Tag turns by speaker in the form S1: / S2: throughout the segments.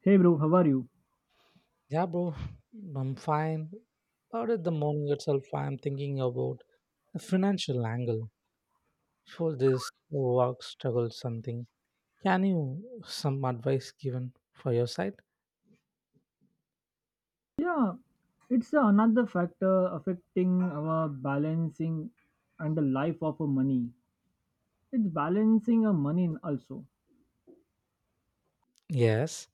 S1: Hey bro, how are you?
S2: Yeah, bro, I'm fine. About the morning itself, I'm thinking about the financial angle for this work struggle something. Can you some advice given for your side?
S1: Yeah, it's another factor affecting our balancing and the life of a money. It's balancing a money also.
S2: Yes,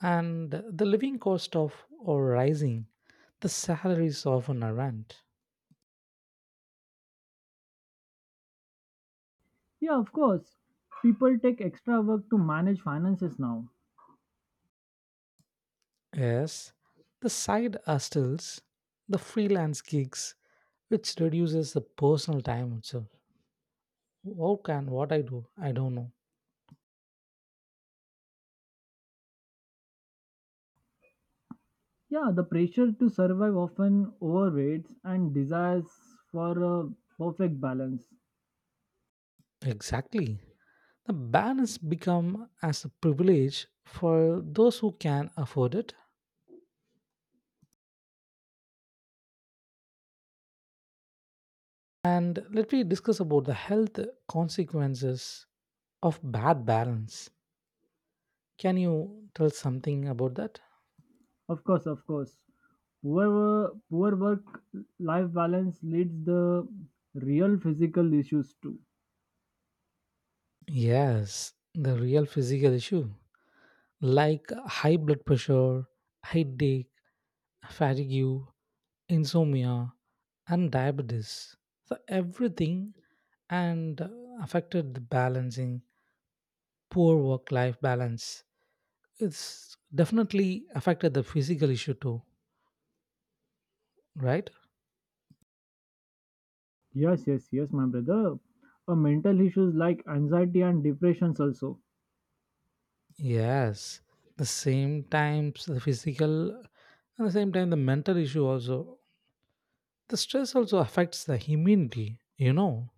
S2: and the living cost of or rising, the salaries of an rent.
S1: Yeah, of course. People take extra work to manage finances now.
S2: Yes, the side hustles, the freelance gigs, which reduces the personal time itself. How can what I do? I don't know
S1: Yeah, the pressure to survive often overweights and desires for a perfect balance.
S2: exactly. The balance become as a privilege for those who can afford it. And let me discuss about the health consequences of bad balance. Can you tell something about that?
S1: Of course, of course. Poor work life balance leads the real physical issues too.
S2: Yes, the real physical issue like high blood pressure, headache, fatigue, insomnia, and diabetes. So everything and affected the balancing, poor work life balance. It's definitely affected the physical issue too, right?
S1: Yes, yes, yes, my brother. Mental issues like anxiety and depressions also.
S2: Yes. The same times the physical and the same time the mental issue also. The stress also affects the immunity.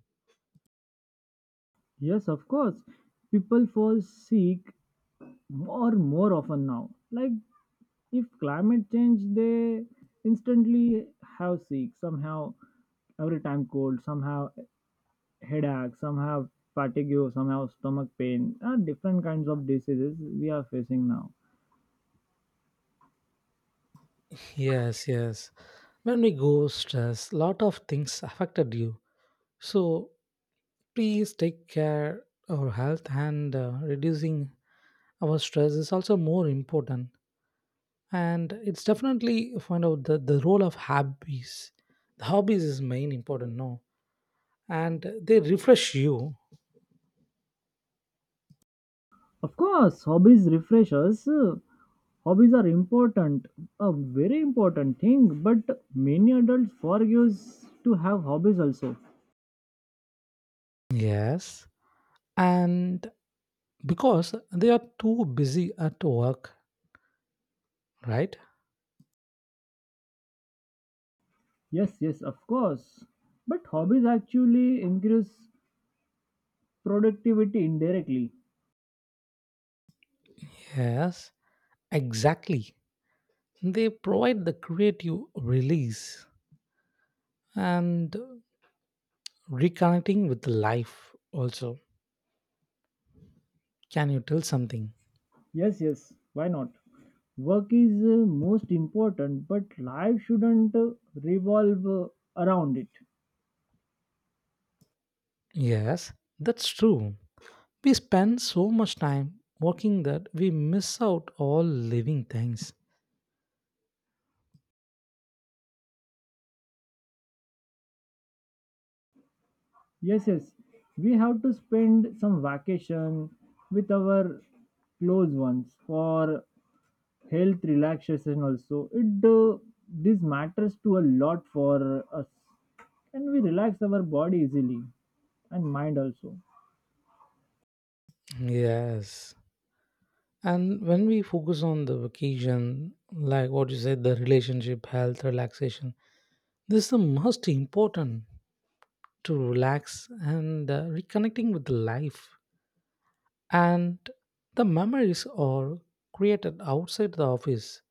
S1: Yes, of course. People fall sick more often now. Like if climate change, they instantly have sick somehow. Every time cold, somehow headache, somehow fatigue, somehow stomach pain. Different kinds of diseases we are facing now.
S2: Yes, yes. When we go stress, lot of things affected you. So please take care our health and reducing our stress is also more important. And it's definitely find out the role of hobbies, the hobbies is main important no, and they refresh you.
S1: Of course, hobbies refresh us. Hobbies are important, a very important thing, but many adults forget to have hobbies also.
S2: Yes, and because they are too busy at work, right?
S1: Yes, yes, of course. But hobbies actually increase productivity indirectly.
S2: Yes, exactly, they provide the creative release and reconnecting with life also. Can you tell something?
S1: Yes, yes, why not? Work is most important, but life shouldn't revolve around it.
S2: Yes, that's true. We spend so much time working that we miss out all living things.
S1: Yes, yes, we have to spend some vacation with our close ones for health relaxation also it this matters to a lot for us, and we relax our body easily and mind also.
S2: Yes. And when we focus on the vacation, like what you said, the relationship, health, relaxation, this is the most important to relax and reconnecting with life. And the memories are created outside the office,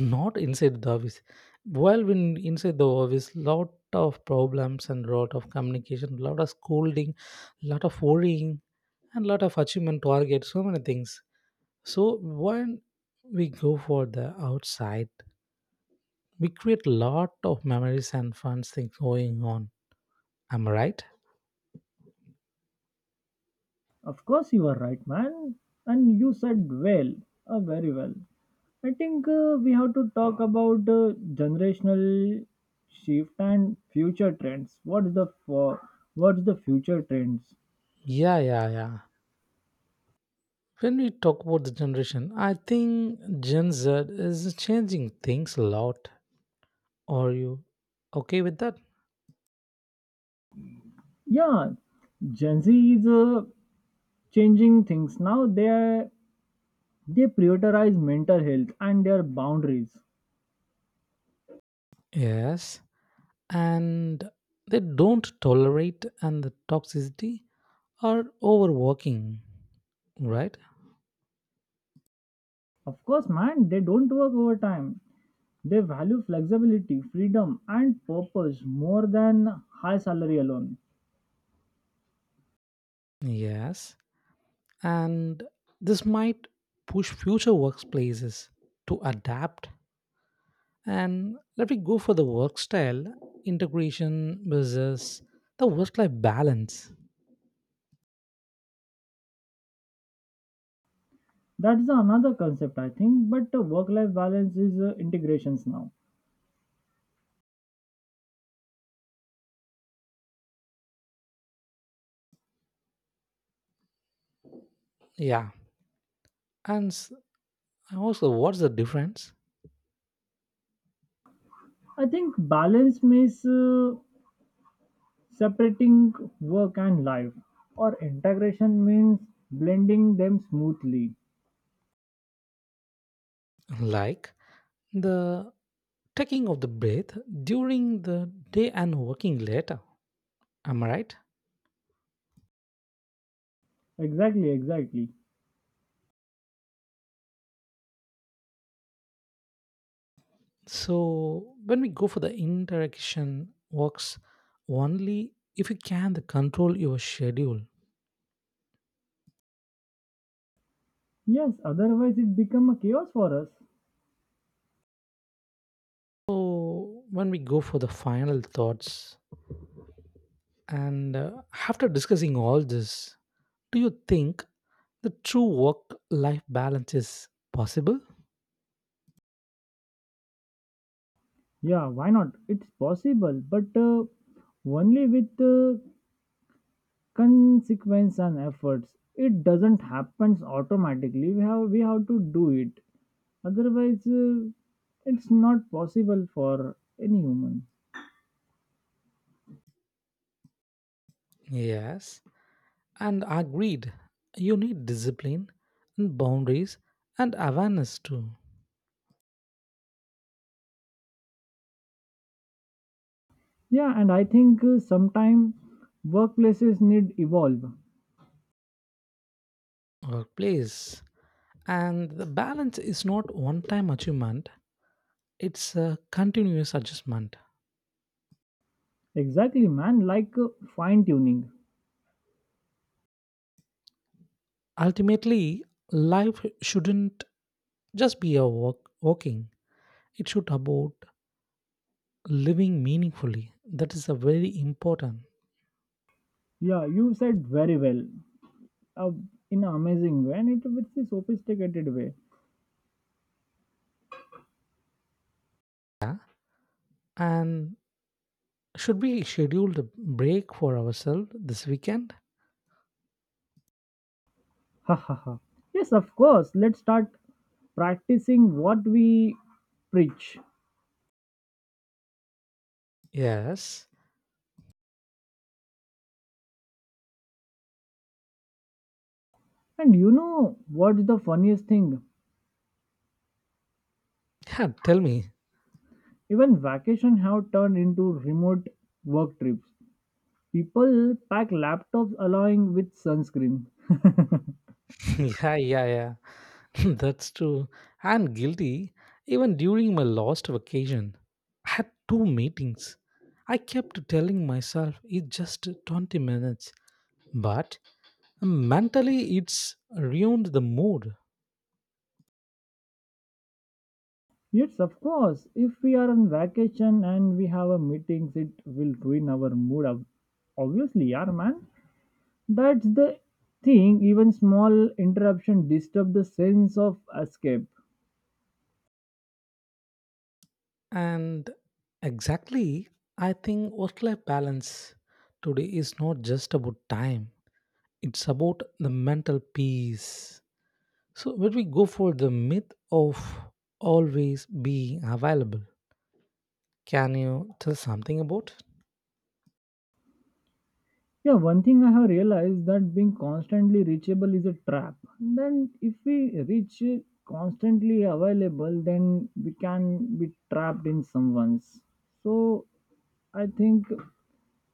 S2: not inside the office, while when inside the office lot of problems and lot of communication lot of scolding lot of worrying and lot of achievement targets so many things, so when we go for the outside we create lot of memories and fun things going on, am I right?
S1: Of course you are right, man, and you said well, very well. I think we have to talk about generational shift and future trends. What's the future trends?
S2: Yeah, yeah, yeah. When we talk about the generation I think Gen Z is changing things a lot. Are you okay with that?
S1: Yeah, gen z is changing things now. They prioritize mental health and their boundaries.
S2: Yes, and they don't tolerate and the toxicity or overworking, right?
S1: Of course, man, they don't work overtime. They value flexibility, freedom, and purpose more than high salary alone.
S2: Yes, and this might push future workplaces to adapt. And let me go for the work style integration versus the work life balance.
S1: That's another concept, I think. But work life balance is integrations now.
S2: Yeah, and also what's the difference?
S1: I think balance means separating work and life, or integration means blending them smoothly.
S2: Like the taking of the breath during the day and working later. Am I right?
S1: Exactly, exactly.
S2: So when we go for the interaction works only if you can the control your schedule.
S1: Yes, otherwise it become a chaos for us.
S2: So when we go for the final thoughts and after discussing all this, do you think the true work life balance is possible?
S1: Yeah, why not? It's possible, but only with consequence and efforts. It doesn't happen automatically. We have to do it. Otherwise, it's not possible for any human.
S2: Yes. And agreed, you need discipline and boundaries and awareness too.
S1: Yeah, and I think sometime workplaces need evolve.
S2: Or place. And the balance is not one time achievement, it's a continuous adjustment.
S1: Exactly, man. Like fine tuning.
S2: Ultimately, life shouldn't just be a walk, walking, it should about living meaningfully. That is a very important.
S1: Yeah, you said very well. Uh, in an amazing way, and it with the sophisticated way.
S2: Yeah. And should we schedule a break for ourselves this weekend?
S1: Ha ha ha. Yes, of course. Let's start practicing what we preach.
S2: Yes.
S1: And you know what's the funniest thing?
S2: Yeah, tell me.
S1: Even vacation have turned into remote work trips. People pack laptops along with sunscreen.
S2: Yeah, yeah, yeah. That's true. I'm guilty. Even during my last vacation, I had two meetings. I kept telling myself it's just 20 minutes, but mentally it's ruined the mood.
S1: Yes, of course, if we are on vacation and we have a meetings, it will ruin our mood. Obviously, yeah, man. That's the thing. Even small interruption disturb the sense of escape.
S2: And exactly, I think work life balance today is not just about time, it's about the mental peace. So, when we go for the myth of always being available, can you tell something about?
S1: Yeah, one thing I have realized that being constantly reachable is a trap. Then, if we reach constantly available, then we can be trapped in someone's. So, I think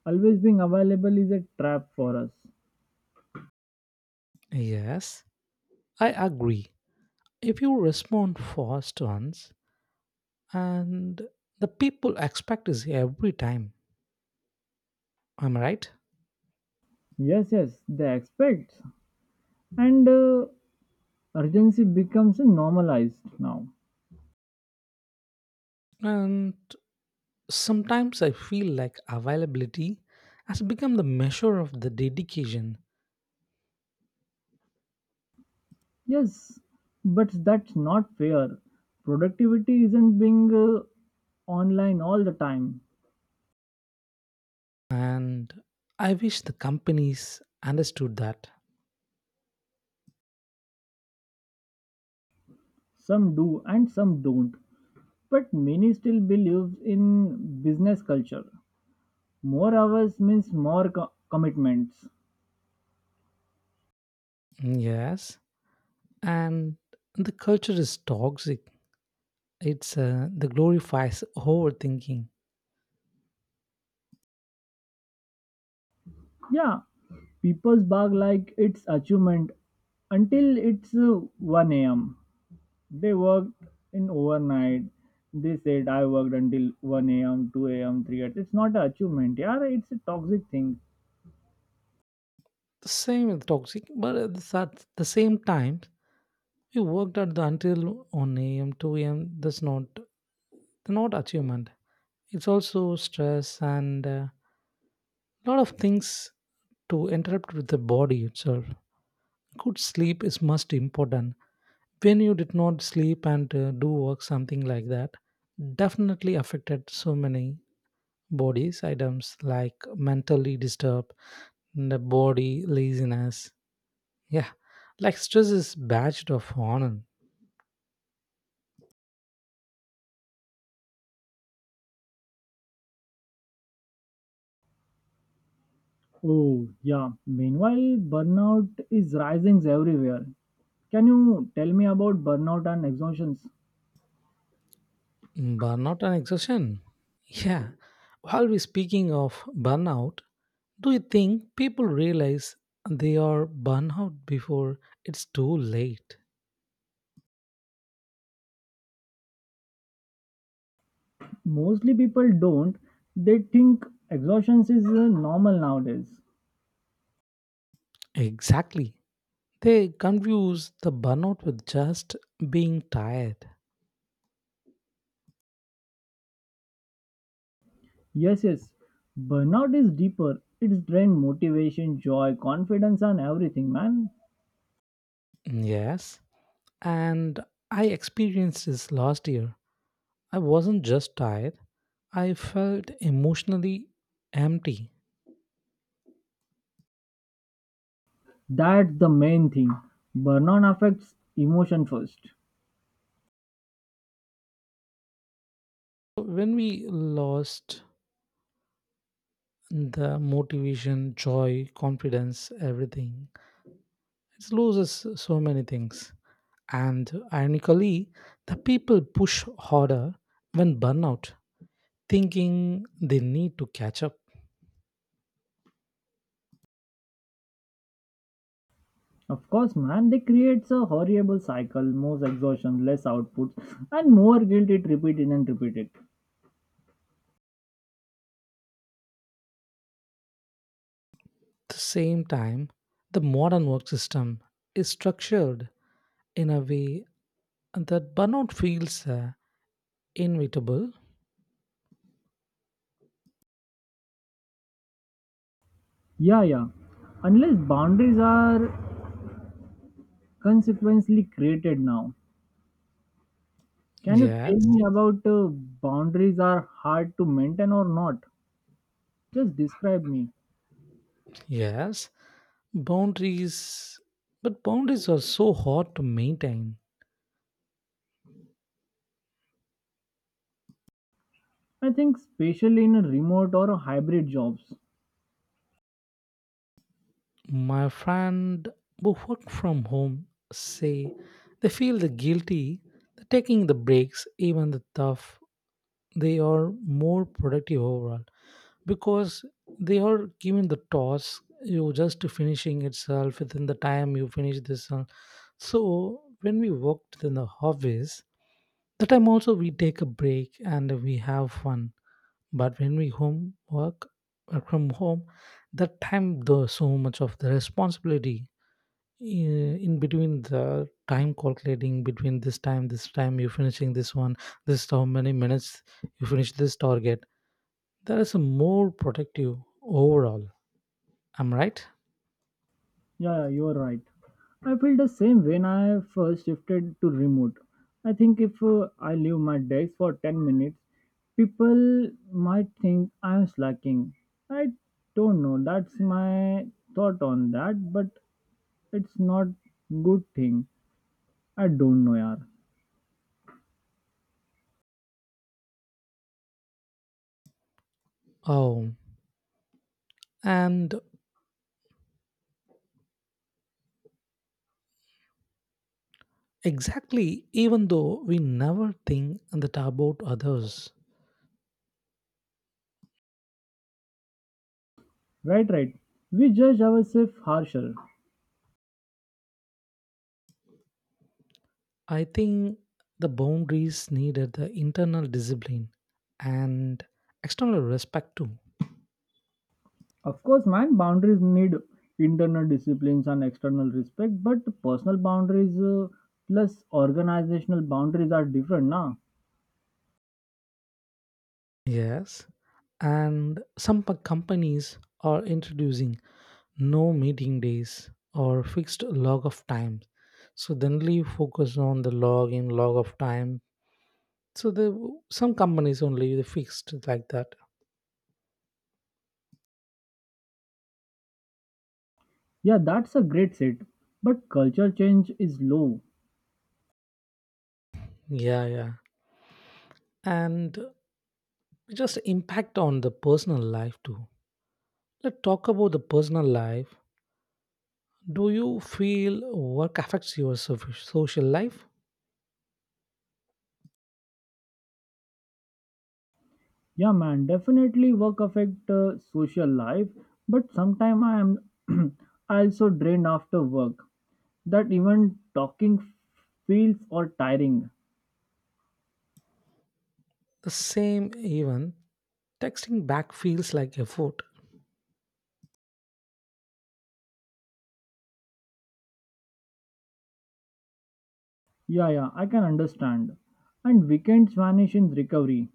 S1: always being available is a trap for us.
S2: Yes, I agree. If you respond fast once, and the people expect is every time, am I right?
S1: Yes, yes, they expect, and urgency becomes normalized now.
S2: And sometimes I feel like availability has become the measure of the dedication.
S1: Yes, but that's not fair. Productivity isn't being online all the time.
S2: And I wish the companies understood that.
S1: Some do and some don't, but many still believe in business culture. More hours means more commitments.
S2: Yes. And the culture is toxic. It's the glorifies overthinking.
S1: Yeah, people bark like it's achievement until it's 1 a.m. They worked in overnight. They said I worked until 1 a.m., 2 a.m., 3 a.m. It's not an achievement. Yeah, it's a toxic thing.
S2: The same with toxic, but at the same time, we worked at the until 1 a.m., 2 a.m. That's not achievement. It's also stress and a lot of things to interrupt with the body itself. Good sleep is most important. When you did not sleep and do work, something like that, definitely affected so many bodies items like mentally disturbed, the body laziness. Yeah, like stress is badged of honor.
S1: Oh, yeah. Meanwhile, burnout is rising everywhere. Can you tell me about burnout and exhaustions?
S2: Burnout and exhaustion? Yeah. While we're speaking of burnout, do you think people realize they are burnout before it's too late?
S1: Mostly people don't. They think exhaustion is normal nowadays.
S2: Exactly. They confuse the burnout with just being tired.
S1: Yes, yes. Burnout is deeper. It's drain motivation, joy, confidence, and everything, man.
S2: Yes. And I experienced this last year. I wasn't just tired, I felt emotionally empty.
S1: That's the main thing. Burnout affects emotion first.
S2: When we lost the motivation, joy, confidence, everything. It loses so many things. And ironically, the people push harder when burnout, thinking they need to catch up.
S1: Of course, man, they creates a horrible cycle, more exhaustion, less output, and more guilt it repeated and repeated.
S2: At the same time, the modern work system is structured in a way that burnout feels inevitable.
S1: Yeah, yeah. Unless boundaries are consequently created now. Can you tell
S2: Yes,
S1: me about boundaries are hard to maintain or not? Just describe me.
S2: yes, boundaries, but boundaries are so hard to maintain.
S1: I think especially in a remote or a hybrid jobs.
S2: My friend who work from home say they feel the guilty that taking the breaks, even the tough. They are more productive overall because they are given the task you just finishing itself within the time you finish this. So when we worked in the office, the time also we take a break and we have fun. But when we home work, work from home, that time there's so much of the responsibility in between the time calculating between this time you finishing this one, this is how many minutes you finish this target. That is a more productive overall, I'm right?
S1: Yeah, yeah, you are right. I feel the same when I first shifted to remote. I think if I leave my desk for 10 minutes, people might think I am slacking. I don't know. That's my thought on that, but it's not good thing. I don't know, yaar.
S2: Oh, and exactly even though we never think that about others.
S1: Right, right. We judge ourselves harsher.
S2: I think the boundaries needed the internal discipline and external respect too.
S1: Of course, man, boundaries need internal disciplines and external respect, but personal boundaries plus organizational boundaries are different, na?
S2: Yes, and some companies are introducing no meeting days or fixed log of time, so generally you focus on the log in log of time, so the some companies only they fixed like that.
S1: Yeah, that's a great set. But culture change is low.
S2: Yeah, yeah, and just impact on the personal life too. Let's talk about the personal life. Do you feel work affects your social life?
S1: Yeah, man, definitely work affect social life, but sometime I am also drained after work. That even talking feels or tiring.
S2: The same, even texting back feels like effort.
S1: Yeah, yeah, I can understand. And weekends vanish in recovery.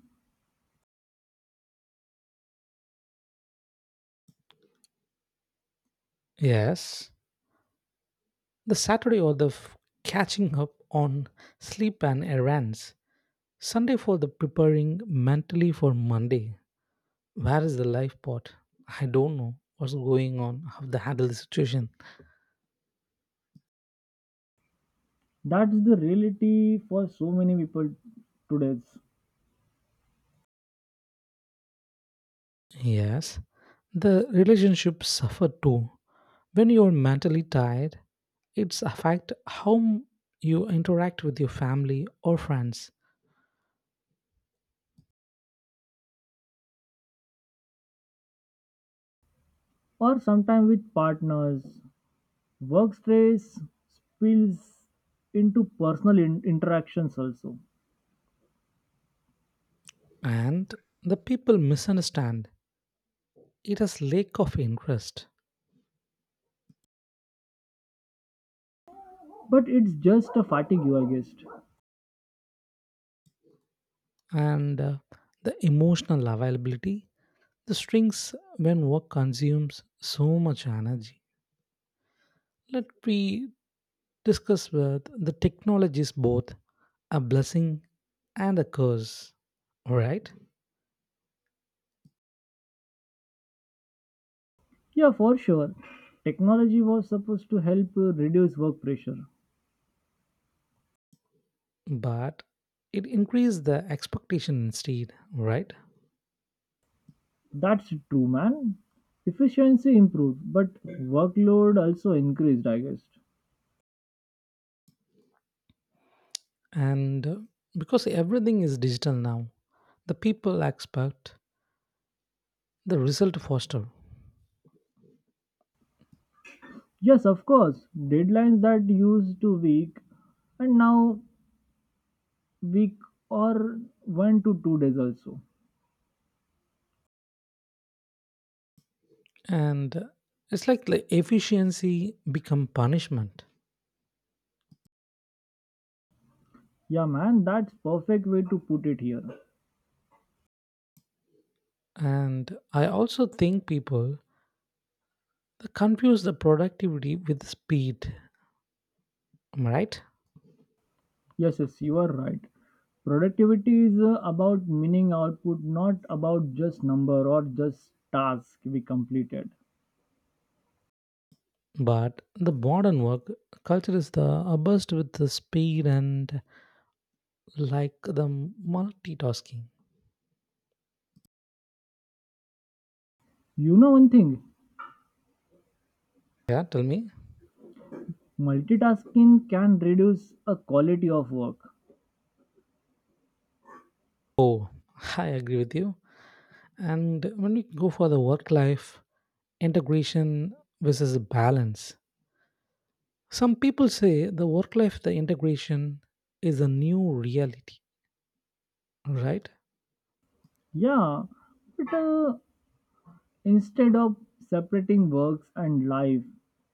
S2: Yes. The Saturday or the catching up on sleep and errands. Sunday for the preparing mentally for Monday. Where is the life part? I don't know what's going on, how to handle the situation.
S1: That's the reality for so many people today.
S2: Yes, the relationship suffer too. When you're mentally tired, it's affect how you interact with your family or friends,
S1: Or sometimes with partners. Work stress spills into personal interactions also.
S2: and the people misunderstand. It has lack of interest.
S1: But it's just a fatigue, I guess.
S2: And the emotional availability. The strings, when work consumes so much energy, let me discuss with the technology is both a blessing and a curse, right?
S1: Yeah, for sure. Technology was supposed to help reduce work pressure.
S2: But it increased the expectation instead, right?
S1: That's true, man. Efficiency improved, but workload also increased, I guess.
S2: And because everything is digital now, the people expect the result faster,
S1: Yes, of course. Deadlines that used to week and now week or 1 to 2 days also.
S2: and it's like the efficiency become punishment.
S1: Yeah, man, that's perfect way to put it here.
S2: And I also think people they confuse the productivity with speed, am I right?
S1: Yes, yes, you are right. Productivity is about meaning output, not about just number or just task we completed.
S2: But the modern work culture is the burst with the speed and like the multitasking.
S1: You know one thing,
S2: Yeah, tell me.
S1: multitasking can reduce a quality of work.
S2: Oh, I agree with you. And when we go for the work life integration versus balance, some people say the work life, the integration is a new reality, right?
S1: Yeah, but instead of separating works and life,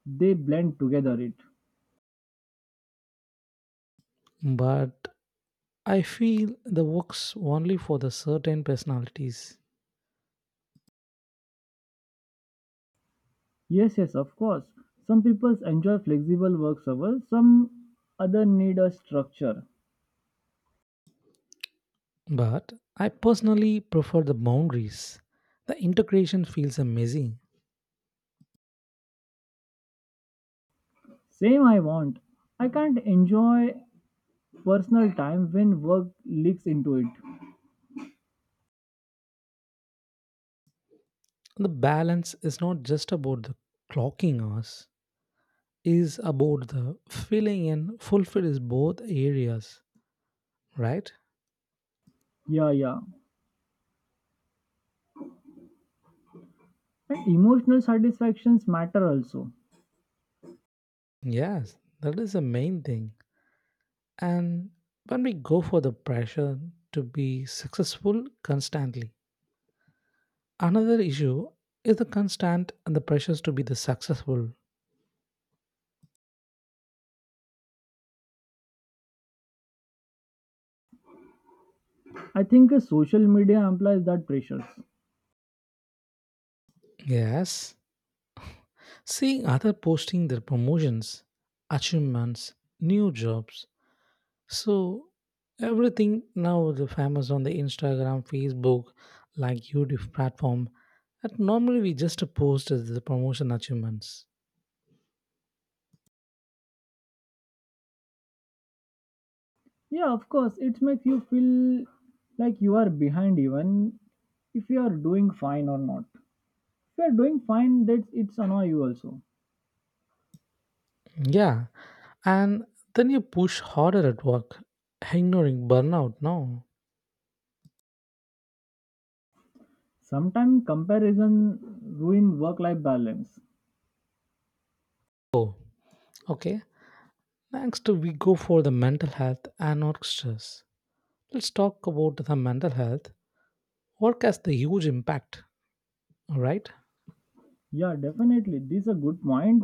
S1: they blend together it.
S2: But I feel the works only for the certain personalities,
S1: Yes, yes, of course. Some people enjoy flexible work hours, some other need a structure.
S2: but I personally prefer the boundaries. The integration feels amazing.
S1: Same I want. I can't enjoy personal time when work leaks into it.
S2: The balance is not just about the clocking hours, is about the filling and fulfills both areas, right?
S1: Yeah, yeah. And emotional satisfactions matter also.
S2: Yes, that is the main thing. And when we go for the pressure to be successful constantly, another issue is the constant and the pressures to be the successful.
S1: I think social media amplifies that pressures.
S2: Yes, seeing other posting their promotions, achievements, new jobs. So everything now the famous on the Instagram, Facebook, like YouTube platform. That normally we just post as the promotion achievements.
S1: Yeah, of course. It makes you feel like you are behind even if you are doing fine or not. You are doing fine, that it's annoy you also.
S2: Yeah, and then you push harder at work, ignoring burnout. No.
S1: Sometimes comparison ruin work life balance.
S2: Oh, okay. Next we go for the mental health and work stress. Let's talk about the mental health. Work has the huge impact, right?
S1: Yeah, definitely this is a good point,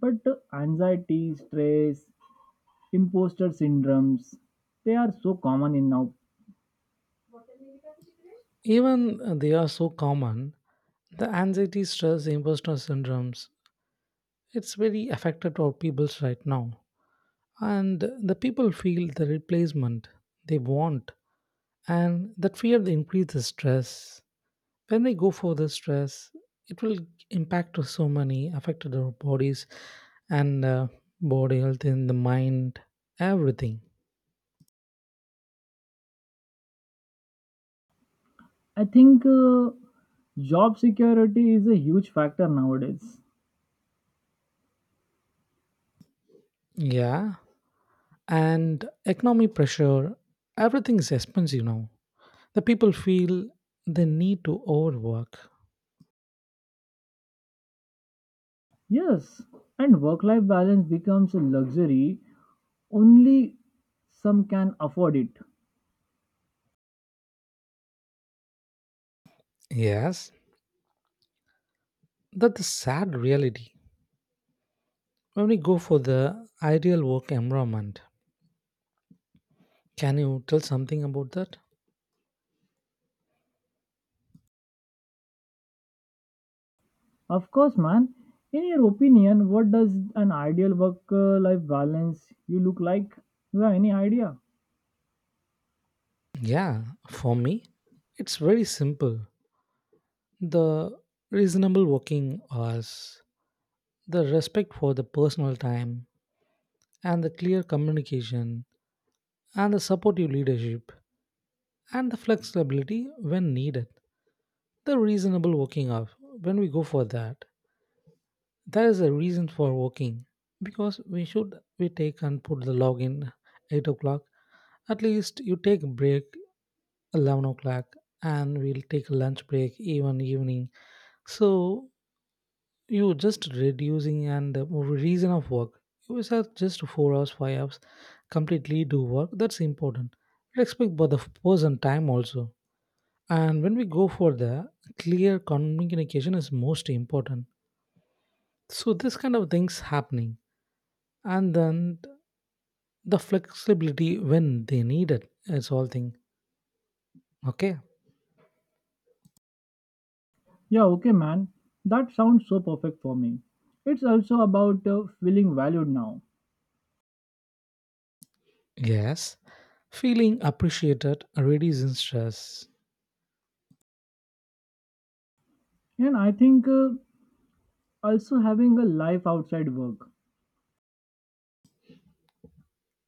S1: but anxiety, stress, imposter syndromes, they are so common in now.
S2: Even they are so common, the anxiety, stress, imposter syndromes, it's very affected our peoples right now. And the people feel the replacement they want, and that fear they increase the stress. When we go for the stress, it will impact us so many, affected our bodies and body health in the mind, everything.
S1: I think job security is a huge factor nowadays.
S2: Yeah. And economic pressure, everything is expensive now. The people feel the need to overwork.
S1: Yes, and work life balance becomes a luxury, only some can afford it.
S2: Yes, that's the sad reality. When we go for the ideal work environment, can you tell something about that?
S1: Of course, man. In your opinion, what does an ideal work-life balance you look like? You have any idea?
S2: Yeah, for me, it's very simple. The reasonable working hours, the respect for the personal time, and the clear communication, and the supportive leadership, and the flexibility when needed. The reasonable working hours, when we go for that, there is a reason for working because we should we take and put the login 8 o'clock. At least you take a break 11 o'clock and we'll take a lunch break even evening. So you just reducing and the reason of work. You are just 4 hours, 5 hours, completely do work. That's important. Respect both the person time also. And when we go for the clear communication is most important. So this kind of things happening and then the flexibility when they need it. It's all thing. Okay.
S1: Yeah, okay, man. That sounds so perfect for me. It's also about feeling valued now,
S2: Yes. Feeling appreciated reduces stress.
S1: and I think also having a life outside work.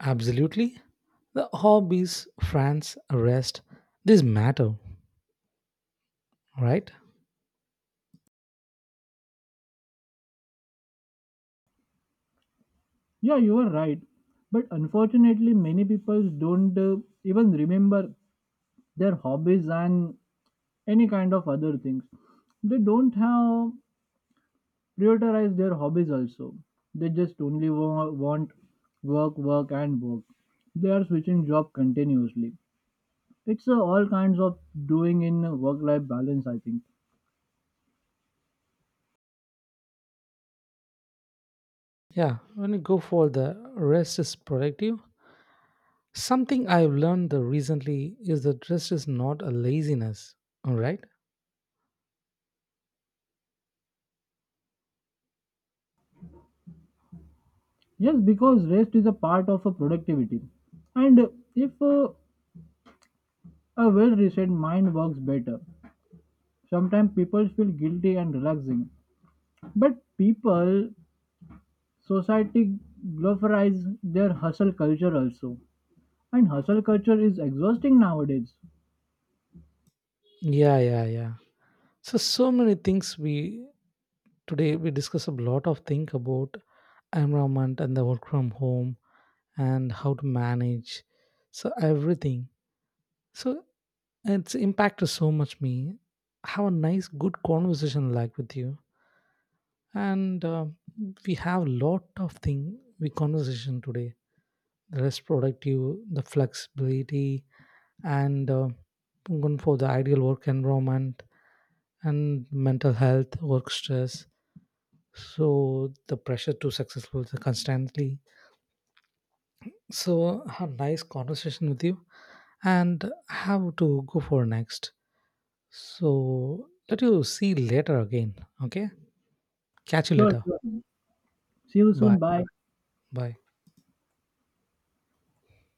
S2: Absolutely. The hobbies, friends, rest, this matter, right?
S1: Yeah, you are right. But unfortunately, many people don't even remember their hobbies and any kind of other things. They don't have prioritize their hobbies also. They just only want work, work, and work. They are switching job continuously. It's all kinds of doing in work-life balance, I think.
S2: Yeah. When you go for the rest is productive. Something I've learned the recently is that rest is not a laziness. All right.
S1: Yes, because rest is a part of a productivity, and if a well-reset mind works better, sometimes people feel guilty and relaxing. But people, society glorifies their hustle culture also, and hustle culture is exhausting nowadays.
S2: Yeah, yeah, yeah. So many things we. Today we discuss a lot of things about environment and the work from home and how to manage so everything. So it's impacted so much me. Have a nice good conversation like with you and we have lot of thing we conversation today. The rest productive, the flexibility and going for the ideal work environment and mental health, work stress, so the pressure to successful constantly. So, a nice conversation with you and have to go for next. So, let you see later again. Okay. Catch you
S1: Sure,
S2: later.
S1: sure. See you
S2: Bye.
S1: soon. Bye.
S2: Bye.